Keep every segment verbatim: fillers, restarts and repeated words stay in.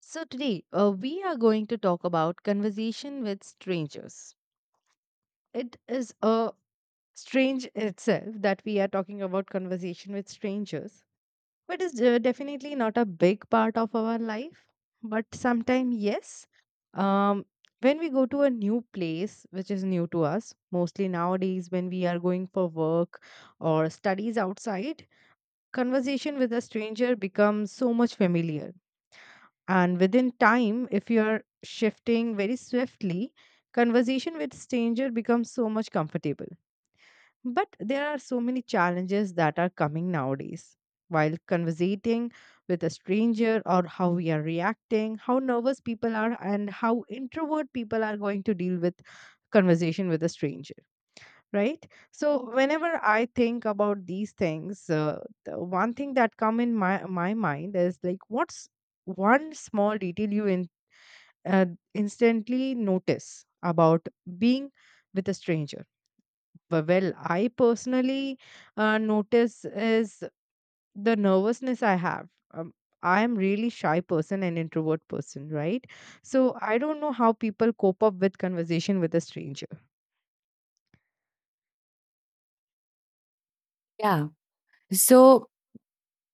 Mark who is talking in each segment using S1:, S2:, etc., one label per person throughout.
S1: So, today uh, we are going to talk about conversation with strangers. It is a strange itself that we are talking about conversation with strangers, but it's uh, definitely not a big part of our life. But sometimes, yes, um, when we go to a new place which is new to us, mostly nowadays when we are going for work or studies outside, conversation with a stranger becomes so much familiar and within time, if you're shifting very swiftly, conversation with stranger becomes so much comfortable. But there are so many challenges that are coming nowadays. While conversating with a stranger or how we are reacting, how nervous people are and how introvert people are going to deal with conversation with a stranger, right? So whenever I think about these things, uh, the one thing that come in my my mind is like, what's one small detail you in uh, instantly notice about being with a stranger. But well, I personally uh, notice is the nervousness I have. Um, I am really shy person and introvert person, right? So I don't know how people cope up with conversation with a stranger.
S2: Yeah. So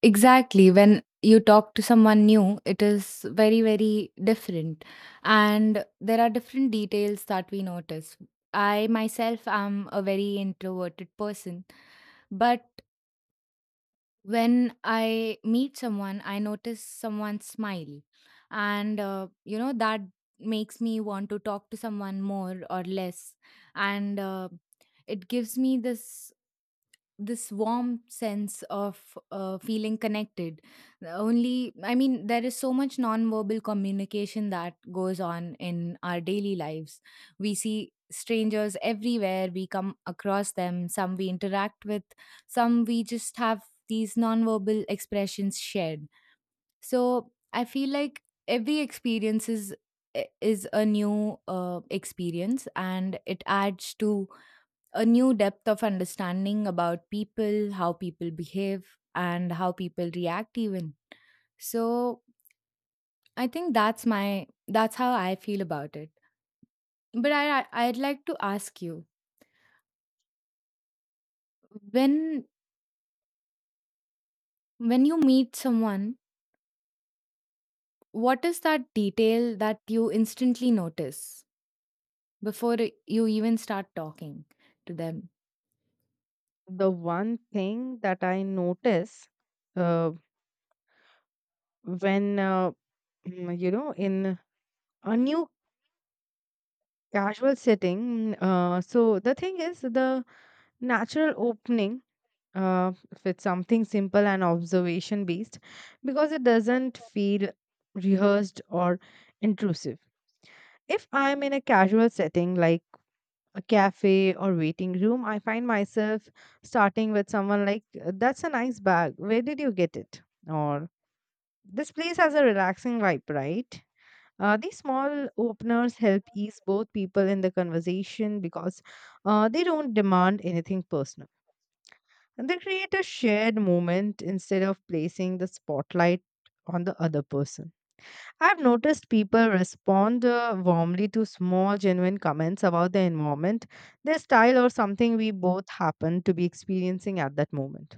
S2: exactly when you talk to someone new, it is very, very different. And there are different details that we notice. I myself am a very introverted person, but when I meet someone, I notice someone's smile. And, uh, you know, that makes me want to talk to someone more or less. And, uh, it gives me this this warm sense of uh, feeling connected only. I mean, there is so much nonverbal communication that goes on in our daily lives. We see strangers everywhere, we come across them, some we interact with, some we just have these nonverbal expressions shared. So I feel like every experience is eh, is a new uh, experience, and it adds to a new depth of understanding about people, how people behave, and how people react, even. So I think that's my that's how I feel about it. But I I- I'd like to ask you, when when you meet someone, what is that detail that you instantly notice before you even start talking to them?
S1: The one thing that I notice uh, when, uh, mm, you know, in a new casual setting, uh, so the thing is, the natural opening, uh, if it's something simple and observation based, because it doesn't feel rehearsed or intrusive. If I'm in a casual setting like a cafe or waiting room, I find myself starting with someone like, "Uh, that's a nice bag, where did you get it?" Or, "This place has a relaxing vibe, right?" Uh, these small openers help ease both people in the conversation, because uh, they don't demand anything personal. And they create a shared moment instead of placing the spotlight on the other person. I've noticed people respond uh, warmly to small, genuine comments about their environment, their style, or something we both happen to be experiencing at that moment.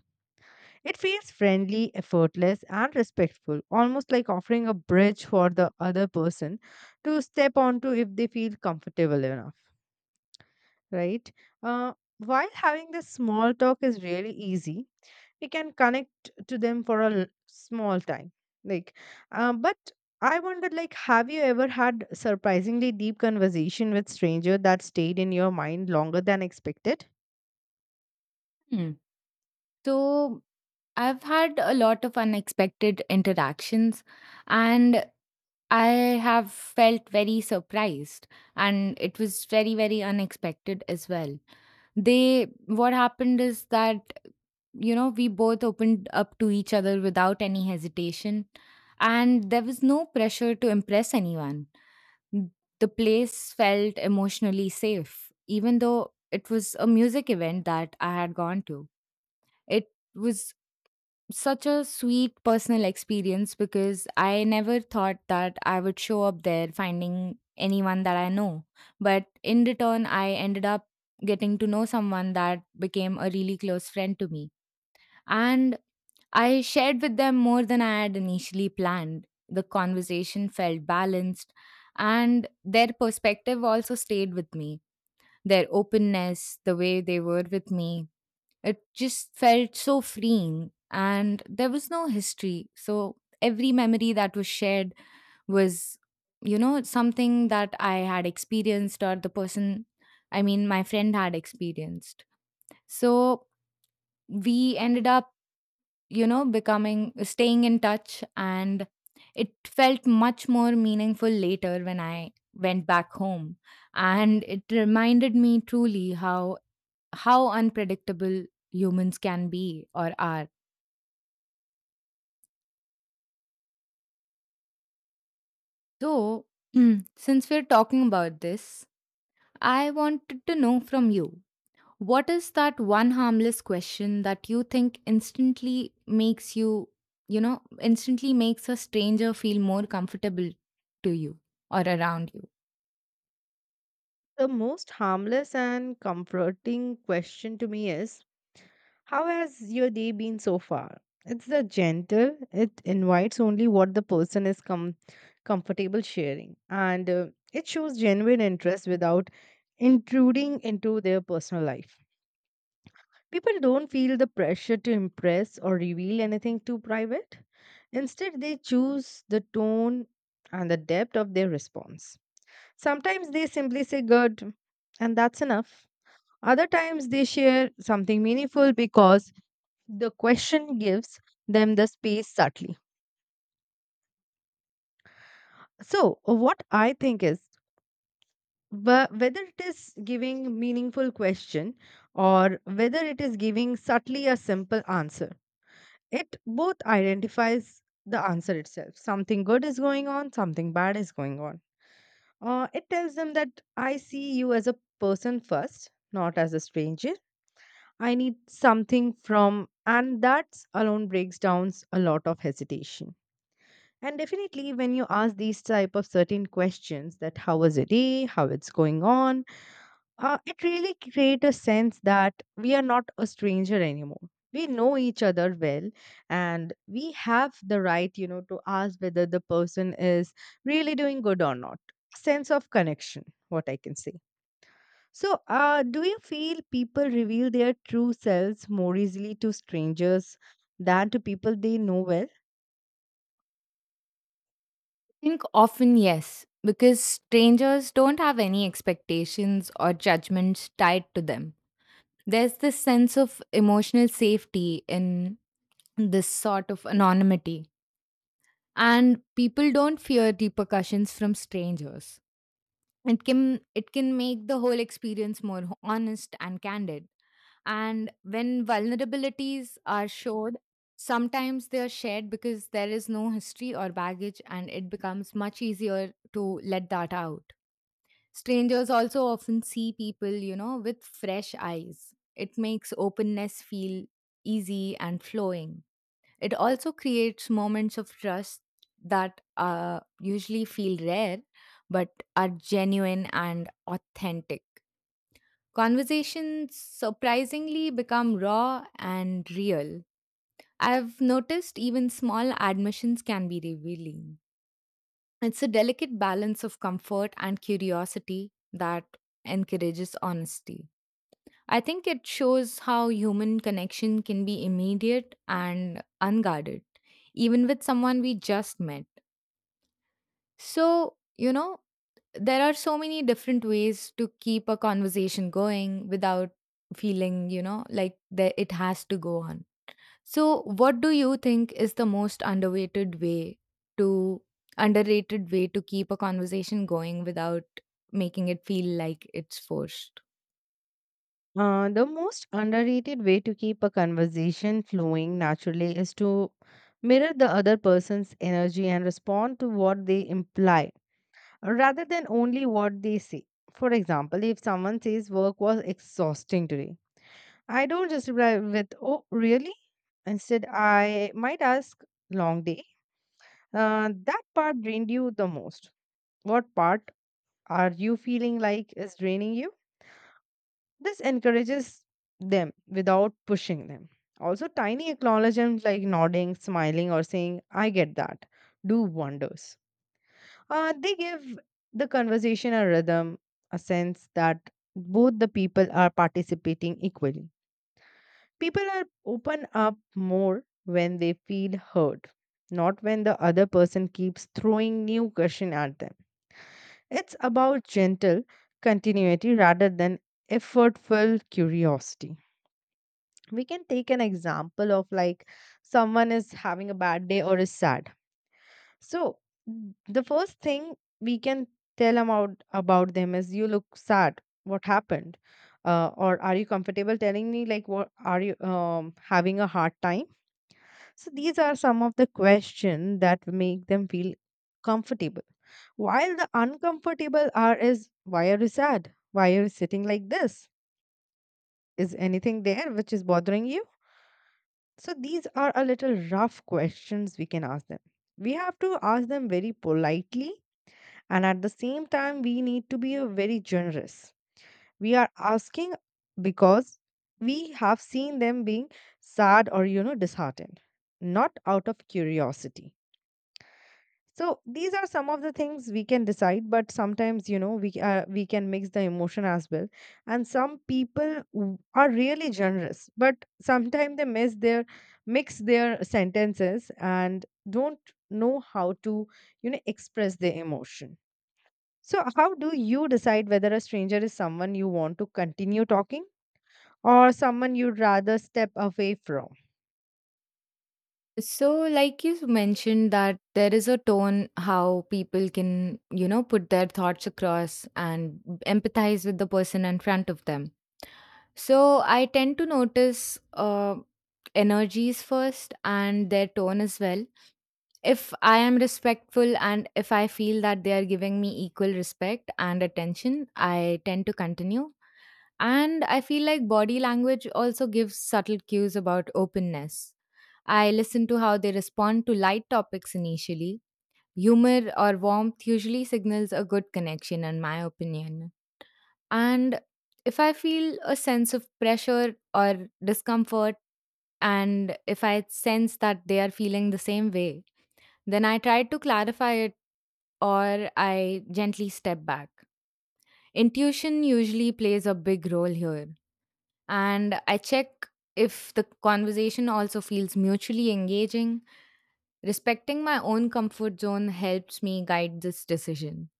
S1: It feels friendly, effortless, and respectful, almost like offering a bridge for the other person to step onto if they feel comfortable enough, right? Uh, while having this small talk is really easy, we can connect to them for a l- small time, like, uh, but I wondered, like, have you ever had surprisingly deep conversation with stranger that stayed in your mind longer than expected?
S2: Hmm. So I've had a lot of unexpected interactions, and I have felt very surprised, and it was very, very unexpected as well. They, what happened is that, you know, we both opened up to each other without any hesitation, and there was no pressure to impress anyone. N- The place felt emotionally safe, even though it was a music event that I had gone to. It was such a sweet personal experience because I never thought that I would show up there finding anyone that I know. But in return, I ended up getting to know someone that became a really close friend to me. And I shared with them more than I had initially planned. The conversation felt balanced, and their perspective also stayed with me. Their openness, the way they were with me, it just felt so freeing, and there was no history. So every memory that was shared was, you know, something that I had experienced, or the person, I mean, my friend had experienced. So we ended up, you know, becoming staying in touch, and it felt much more meaningful later when I went back home. And it reminded me truly how how unpredictable humans can be or are. So, since we're talking about this, I wanted to know from you, what is that one harmless question that you think instantly makes you, you know, instantly makes a stranger feel more comfortable to you or around you?
S1: The most harmless and comforting question to me is, how has your day been so far? It's the gentle, it invites only what the person is com- comfortable sharing, and uh, it shows genuine interest without intruding into their personal life. People don't feel the pressure to impress or reveal anything too private. Instead, they choose the tone and the depth of their response. Sometimes they simply say good, and that's enough. Other times, they share something meaningful because the question gives them the space subtly. So, what I think is, wh- whether it is giving meaningful question or whether it is giving subtly a simple answer, it both identifies the answer itself. Something good is going on, something bad is going on. Uh, it tells them that I see you as a person first, not as a stranger I need something from, and that alone breaks down a lot of hesitation. And definitely, when you ask these type of certain questions, that how was your day, how it's going on, uh, it really create a sense that we are not a stranger anymore. We know each other well, and we have the right, you know, to ask whether the person is really doing good or not. Sense of connection, what I can say. So, uh, do you feel people reveal their true selves more easily to strangers than to people they know well?
S2: I think often yes, because strangers don't have any expectations or judgments tied to them. There's this sense of emotional safety in this sort of anonymity, and people don't fear repercussions from strangers. It can it can make the whole experience more ho- honest and candid, and when vulnerabilities are showed, sometimes they are shared because there is no history or baggage, and it becomes much easier to let that out. Strangers also often see people you know with fresh eyes. It makes openness feel easy and flowing. It also creates moments of trust that uh, usually feel rare but are genuine and authentic. Conversations surprisingly become raw and real. I've noticed even small admissions can be revealing. It's a delicate balance of comfort and curiosity that encourages honesty. I think it shows how human connection can be immediate and unguarded, even with someone we just met. So, you know, there are so many different ways to keep a conversation going without feeling, you know, like that it has to go on. So, what do you think is the most underrated way to underrated way to keep a conversation going without making it feel like it's forced?
S1: Uh, the most underrated way to keep a conversation flowing naturally is to mirror the other person's energy and respond to what they imply rather than only what they say. For example, if someone says work was exhausting today, I don't just reply with, oh, really? Instead, I might ask, long day. Uh, that part drained you the most. What part are you feeling like is draining you? This encourages them without pushing them. Also, tiny acknowledgements like nodding, smiling, or saying, I get that, do wonders. Uh, they give the conversation a rhythm, a sense that both the people are participating equally. People are open up more when they feel heard, not when the other person keeps throwing new question at them. It's about gentle continuity rather than effortful curiosity. We can take an example of, like, someone is having a bad day or is sad. So, n- the first thing we can tell about about them is, you look sad, what happened? Uh, or, are you comfortable telling me, like, what are you, um, having a hard time? So these are some of the questions that make them feel comfortable, while the uncomfortable are, is, why are you sad, why are you sitting like this, is anything there which is bothering you? So these are a little rough questions we can ask them. We have to ask them very politely, and at the same time we need to be a very generous. We are asking because we have seen them being sad or, you know, disheartened, not out of curiosity. So these are some of the things we can decide, but sometimes, you know, we uh, we can mix the emotion as well. And some people w- are really generous, but sometimes they miss their mix their sentences and don't know how to, you know, express their emotion. So how do you decide whether a stranger is someone you want to continue talking, or someone you'd rather step away from?
S2: So, like you mentioned, that there is a tone how people can, you know, put their thoughts across and empathize with the person in front of them. So, I tend to notice uh, energies first and their tone as well. If I am respectful and if I feel that they are giving me equal respect and attention, I tend to continue. And I feel like body language also gives subtle cues about openness. I listen to how they respond to light topics initially. Humor or warmth usually signals a good connection, in my opinion. And if I feel a sense of pressure or discomfort, and if I sense that they are feeling the same way, then I try to clarify it or I gently step back. Intuition usually plays a big role here. And I check if the conversation also feels mutually engaging. Respecting my own comfort zone helps me guide this decision.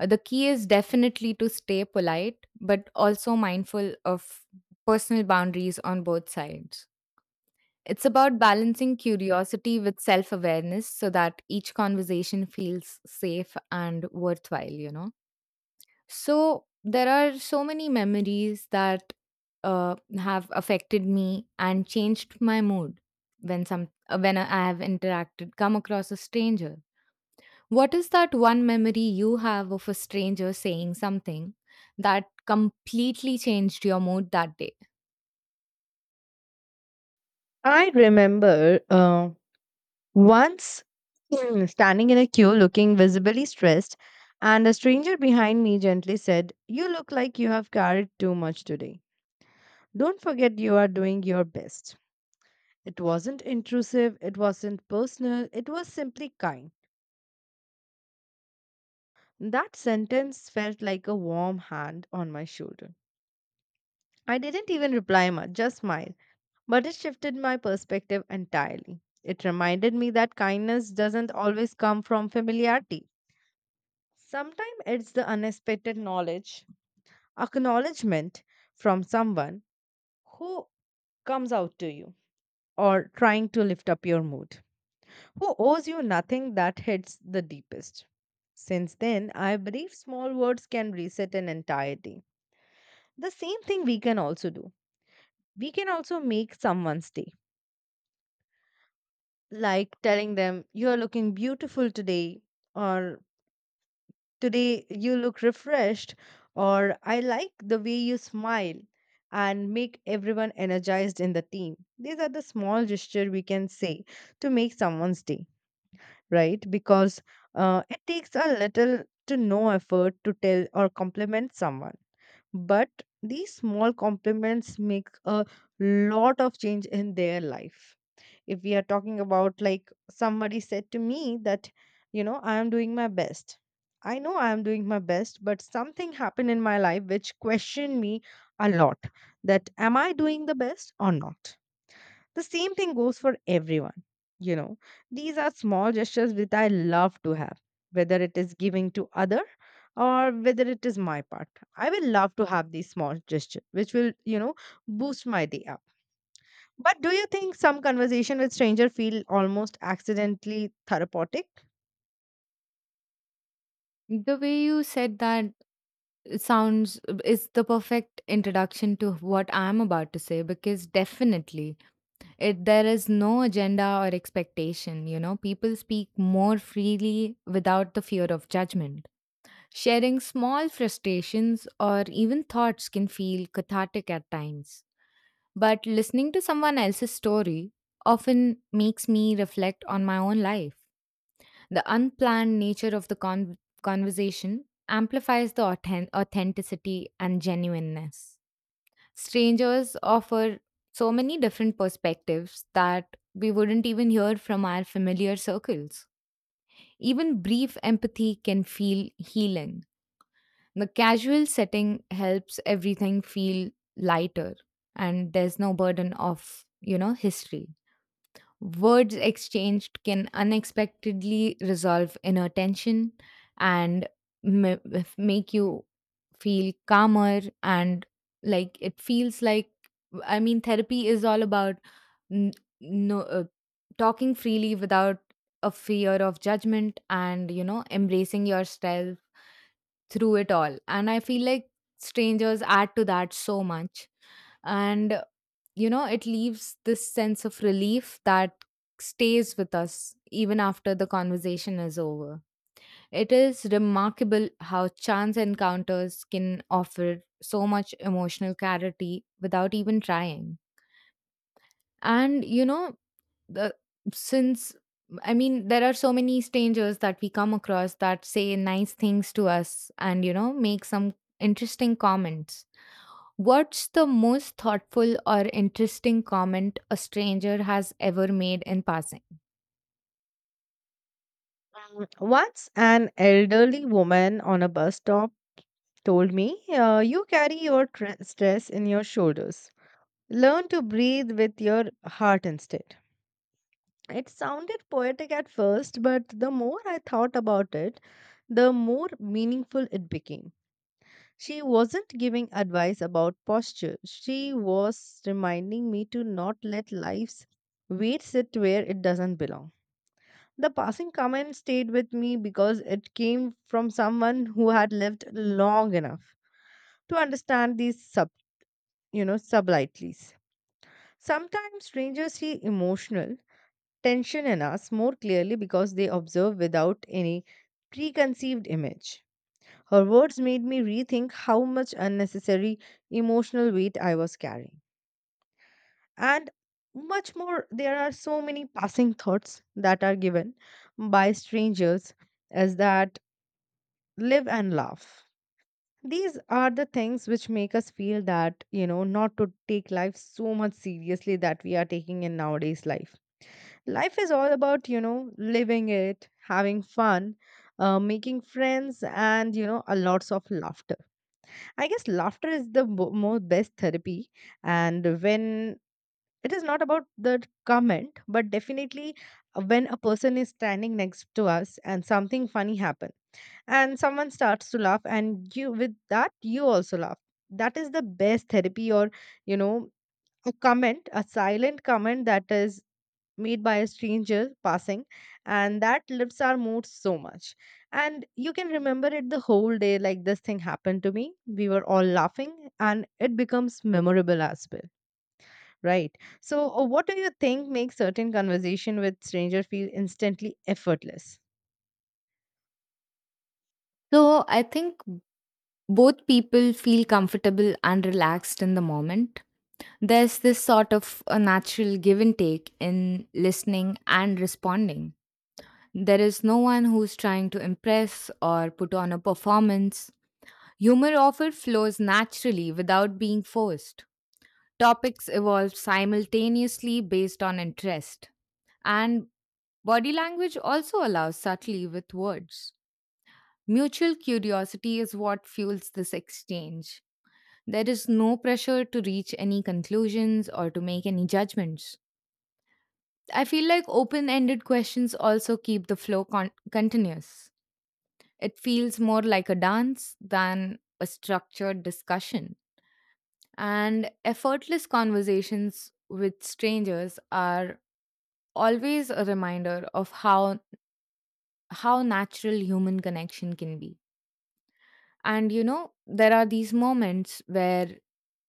S2: Uh, The key is definitely to stay polite, but also mindful of personal boundaries on both sides. It's about balancing curiosity with self awareness so that each conversation feels safe and worthwhile, you know? So, there are so many memories that uh, have affected me and changed my mood when some uh, when I have interacted come across a stranger. What is that one memory you have of a stranger saying something that completely changed your mood that day?
S1: I remember, uh, once, standing in a queue looking visibly stressed, and a stranger behind me gently said, you look like you have carried too much today. Don't forget you are doing your best. It wasn't intrusive, it wasn't personal, it was simply kind. That sentence felt like a warm hand on my shoulder. I didn't even reply much, just smiled, but it shifted my perspective entirely. It reminded me that kindness doesn't always come from familiarity. Sometimes it's the unexpected knowledge, acknowledgement from someone who comes out to you or trying to lift up your mood, who owes you nothing that hits the deepest. Since then, I believe small words can reset an entire day. The same thing we can also do. We can also make someone's day, like telling them, you're looking beautiful today, or, today you look refreshed, or, I like the way you smile, and make everyone energized in the team. These are the small gesture we can say to make someone's day, right? Because uh, it takes a little to no effort to tell or compliment someone. But these small compliments make a lot of change in their life. If we are talking about, like, somebody said to me that, you know, I am doing my best. I know I am doing my best, but something happened in my life which questioned me a lot, that am I doing the best or not? The same thing goes for everyone. You know, these are small gestures which I love to have, whether it is giving to other or whether it is my part. I will love to have these small gestures, which will, you know, boost my day up. But do you think some conversation with stranger feel almost accidentally therapeutic?
S2: The way you said that, it sounds is the perfect introduction to what I'm about to say, because definitely it there is no agenda or expectation, you know. People speak more freely without the fear of judgment. Sharing small frustrations or even thoughts can feel cathartic at times. But listening to someone else's story often makes me reflect on my own life. The unplanned nature of the con- conversation amplifies the authen- authenticity and genuineness. Strangers offer so many different perspectives that we wouldn't even hear from our familiar circles. Even brief empathy can feel healing. The casual setting helps everything feel lighter, and there's no burden of, you know, history. Words exchanged can unexpectedly resolve inner tension and ma- if- make you feel calmer, and like it feels like, I mean, therapy is all about n- no uh, talking freely without a fear of judgment and you know embracing yourself through it all, and I feel like strangers add to that so much. And you know, it leaves this sense of relief that stays with us even after the conversation is over. It is remarkable how chance encounters can offer so much emotional clarity without even trying. And, you know, the, since I mean, there are so many strangers that we come across that say nice things to us and, you know, make some interesting comments. What's the most thoughtful or interesting comment a stranger has ever made in passing?
S1: Mm, once an elderly woman on a bus stop told me, uh, "You carry your tr- stress in your shoulders. Learn to breathe with your heart instead." It sounded poetic at first, but the more I thought about it, the more meaningful it became. She wasn't giving advice about posture, she was reminding me to not let life's weight sit where it doesn't belong. The passing comment stayed with me because it came from someone who had lived long enough to understand these sub, you know, sublighties. Sometimes strangers feel emotional tension in us more clearly because they observe without any preconceived image. Her words made me rethink how much unnecessary emotional weight I was carrying. And much more, there are so many passing thoughts that are given by strangers, as that, live and laugh. These are the things which make us feel that, you know, not to take life so much seriously that we are taking in nowadays life. Life is all about, you know, living it, having fun, uh, making friends, and, you know, a lots of laughter. I guess laughter is the bo- more best therapy. And when it is not about the comment, but definitely, uh, when a person is standing next to us and something funny happen, and someone starts to laugh and you, with that, you also laugh, that is the best therapy. Or, you know, a comment, a silent comment that is made by a stranger passing, and that lifts our mood so much. And you can remember it the whole day, like this thing happened to me, we were all laughing, and it becomes memorable as well. Right, so, uh, what do you think makes certain conversation with stranger feel instantly effortless?
S2: So, I think both people feel comfortable and relaxed in the moment. There's this sort of a natural give and take in listening and responding. There is no one who's trying to impress or put on a performance. Humor often flows naturally without being forced. Topics evolve simultaneously based on interest. And body language also allows subtly with words. Mutual curiosity is what fuels this exchange. There is no pressure to reach any conclusions or to make any judgments. I feel like open ended questions also keep the flow con- continuous. It feels more like a dance than a structured discussion. And effortless conversations with strangers are always a reminder of how, how natural human connection can be. And you know, there are these moments where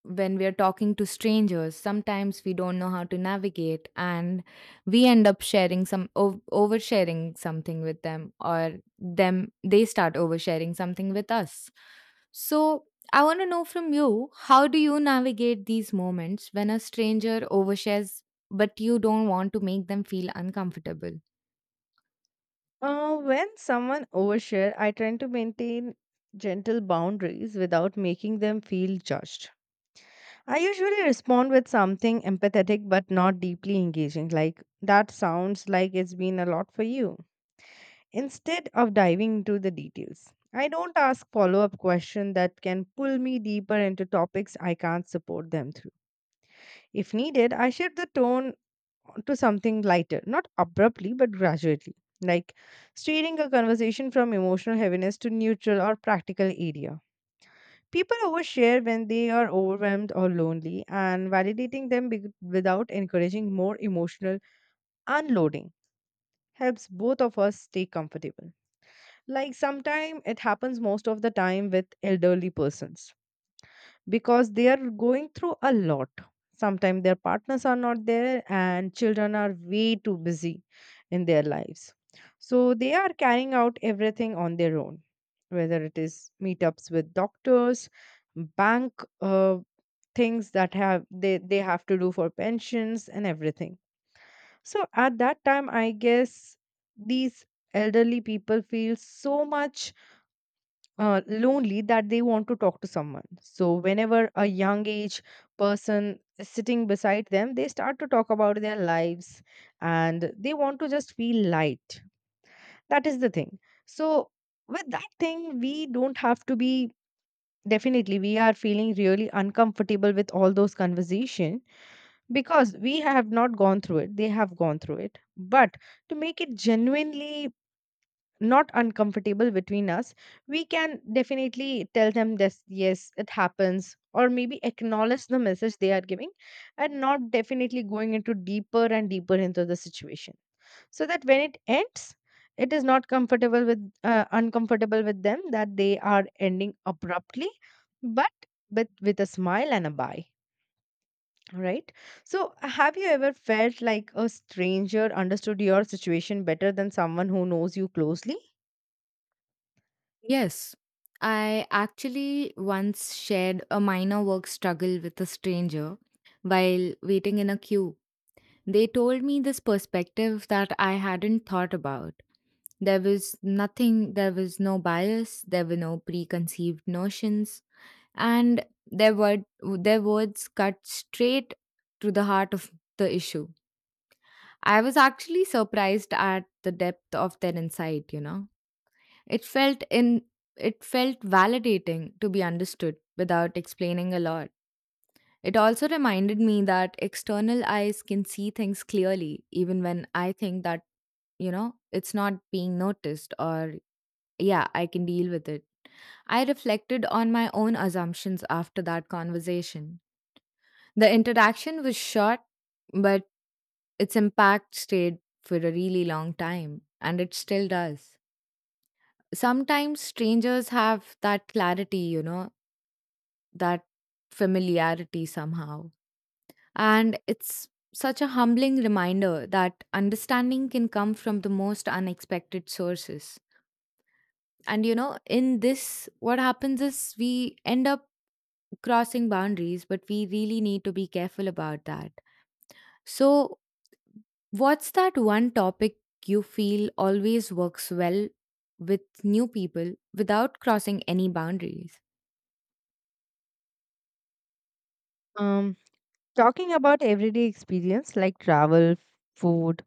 S2: when we are talking to strangers, sometimes we don't know how to navigate and we end up sharing some o- oversharing something with them, or them they start oversharing something with us. So, I want to know from you, how do you navigate these moments when a stranger overshares but you don't want to make them feel uncomfortable?
S1: Uh, when someone overshare, I try to maintain gentle boundaries without making them feel judged. I usually respond with something empathetic but not deeply engaging, like, that sounds like it's been a lot for you. Instead of diving into the details, I don't ask follow up questions that can pull me deeper into topics I can't support them through. If needed, I shift the tone to something lighter, not abruptly, but gradually, like steering a conversation from emotional heaviness to neutral or practical area. People overshare when they are overwhelmed or lonely, and validating them be- without encouraging more emotional unloading helps both of us stay comfortable. Like, sometimes it happens most of the time with elderly persons because they are going through a lot. Sometimes their partners are not there, and children are way too busy in their lives. So they are carrying out everything on their own, whether it is meetups with doctors, bank uh, things that have they, they have to do for pensions and everything. So at that time, I guess these elderly people feel so much uh, lonely that they want to talk to someone. So, whenever a young age person is sitting beside them, they start to talk about their lives and they want to just feel light. That is the thing. So, with that thing, we don't have to be, definitely we are feeling really uncomfortable with all those conversation because we have not gone through it, they have gone through it. But to make it genuinely not uncomfortable between us, we can definitely tell them this, yes it happens, or maybe acknowledge the message they are giving, and not definitely going into deeper and deeper into the situation. So that when it ends, it is not comfortable with uh, uncomfortable with them, that they are ending abruptly, but with with a smile and a bye. Right, so have you ever felt like a stranger understood your situation better than someone who knows you closely?
S2: Yes. I actually once shared a minor work struggle with a stranger while waiting in a queue. They told me this perspective that I hadn't thought about. There was nothing, there was no bias, there were no preconceived notions, and their, word, their words cut straight to the heart of the issue. I was actually surprised at the depth of their insight, you know. It felt in it felt validating to be understood without explaining a lot. It also reminded me that external eyes can see things clearly even when I think that, you know, it's not being noticed, or yeah, I can deal with it. I reflected on my own assumptions after that conversation. The interaction was short, but its impact stayed for a really long time, and it still does. Sometimes strangers have that clarity, you know, that familiarity somehow. And it's such a humbling reminder that understanding can come from the most unexpected sources. And you know, in this, what happens is we end up crossing boundaries, but we really need to be careful about that. So, what's that one topic you feel always works well with new people without crossing any boundaries?
S1: Um, Talking about everyday experience like travel, food,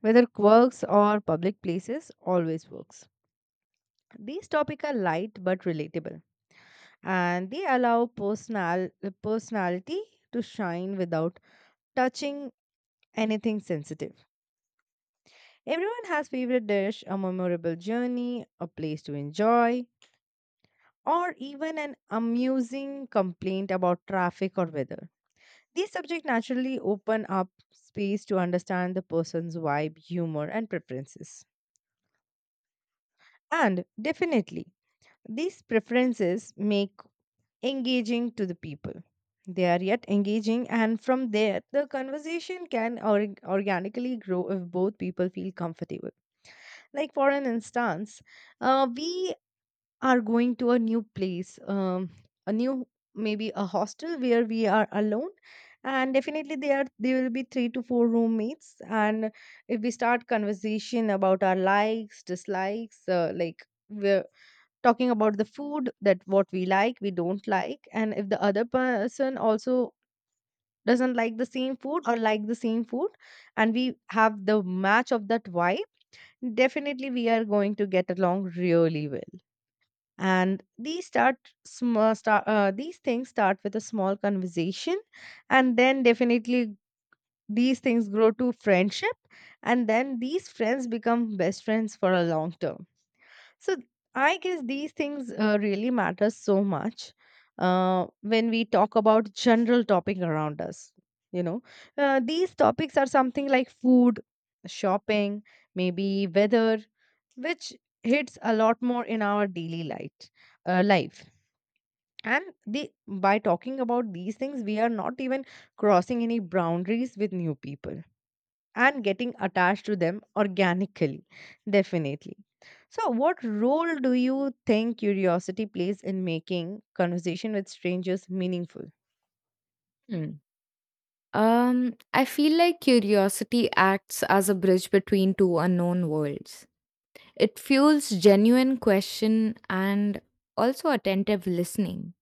S1: whether quirks, or public places, always works. These topics are light but relatable, and they allow personal personality to shine without touching anything sensitive. Everyone has favorite dish, a memorable journey, a place to enjoy, or even an amusing complaint about traffic or weather. These subjects naturally open up space to understand the person's vibe, humor, and preferences. And definitely, these preferences make engaging to the people. They are yet engaging, and from there, the conversation can org- organically grow if both people feel comfortable. Like, for an instance, uh, we are going to a new place, um, a new, maybe a hostel where we are alone, and definitely there are there will be three to four roommates. And if we start conversation about our likes, dislikes, uh, like we're talking about the food, that what we like, we don't like, and if the other person also doesn't like the same food or like the same food, and we have the match of that vibe, definitely we are going to get along really well. And these start small start, uh, these things start with a small conversation, and then definitely these things grow to friendship, and then these friends become best friends for a long term. So, I guess these things uh, really matter so much uh, when we talk about general topic around us, you know. Uh, these topics are something like food, shopping, maybe weather, which hits a lot more in our daily light uh, life. And the by talking about these things, we are not even crossing any boundaries with new people, and getting attached to them organically, definitely. So what role do you think curiosity plays in making conversation with strangers meaningful?
S2: Hmm. Um, I feel like curiosity acts as a bridge between two unknown worlds. It fuels genuine question and also attentive listening.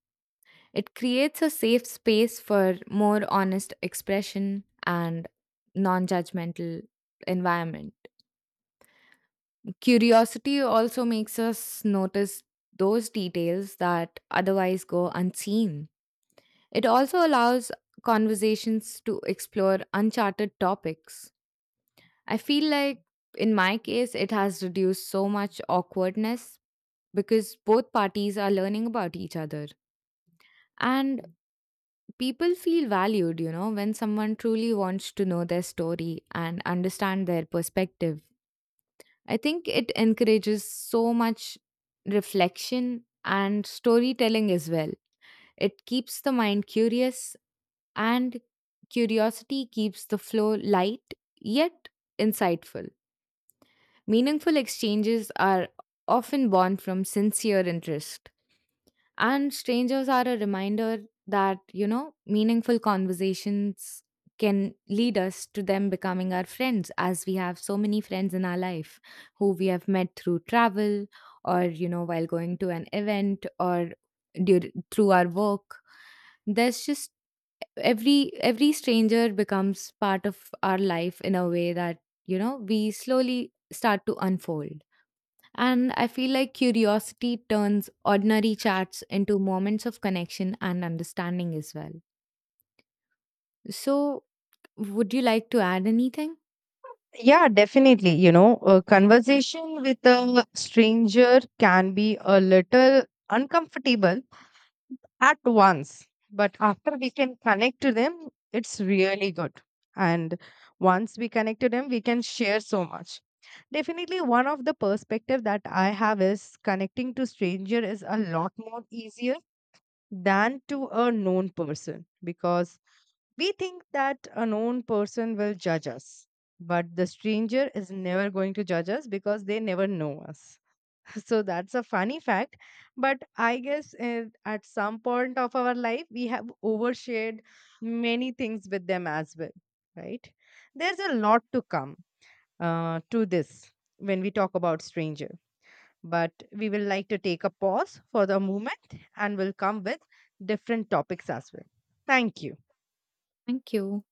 S2: It creates a safe space for more honest expression and non judgmental environment. Curiosity also makes us notice those details that otherwise go unseen. It also allows conversations to explore uncharted topics. I feel like in my case, it has reduced so much awkwardness because both parties are learning about each other. And people feel valued, you know, when someone truly wants to know their story and understand their perspective. I think it encourages so much reflection and storytelling as well. It keeps the mind curious, and curiosity keeps the flow light yet insightful. Meaningful exchanges are often born from sincere interest, and strangers are a reminder that, you know, meaningful conversations can lead us to them becoming our friends, as we have so many friends in our life who we have met through travel or, you know, while going to an event or dur- through our work. There's just every every stranger becomes part of our life in a way that you know we slowly start to unfold, and I feel like curiosity turns ordinary chats into moments of connection and understanding as well. So, would you like to add anything?
S1: Yeah, definitely, you know, a conversation with a stranger can be a little uncomfortable at once. But after we can connect to them, it's really good. And once we connect to them, we can share so much. Definitely, one of the perspective that I have is connecting to stranger is a lot more easier than to a known person because we think that a known person will judge us, but the stranger is never going to judge us because they never know us. So that's a funny fact. But I guess uh, at some point of our life, we have overshared many things with them as well, right? There's a lot to come uh, to this when we talk about stranger. But we will like to take a pause for the moment and will come with different topics as well. Thank you.
S2: Thank you.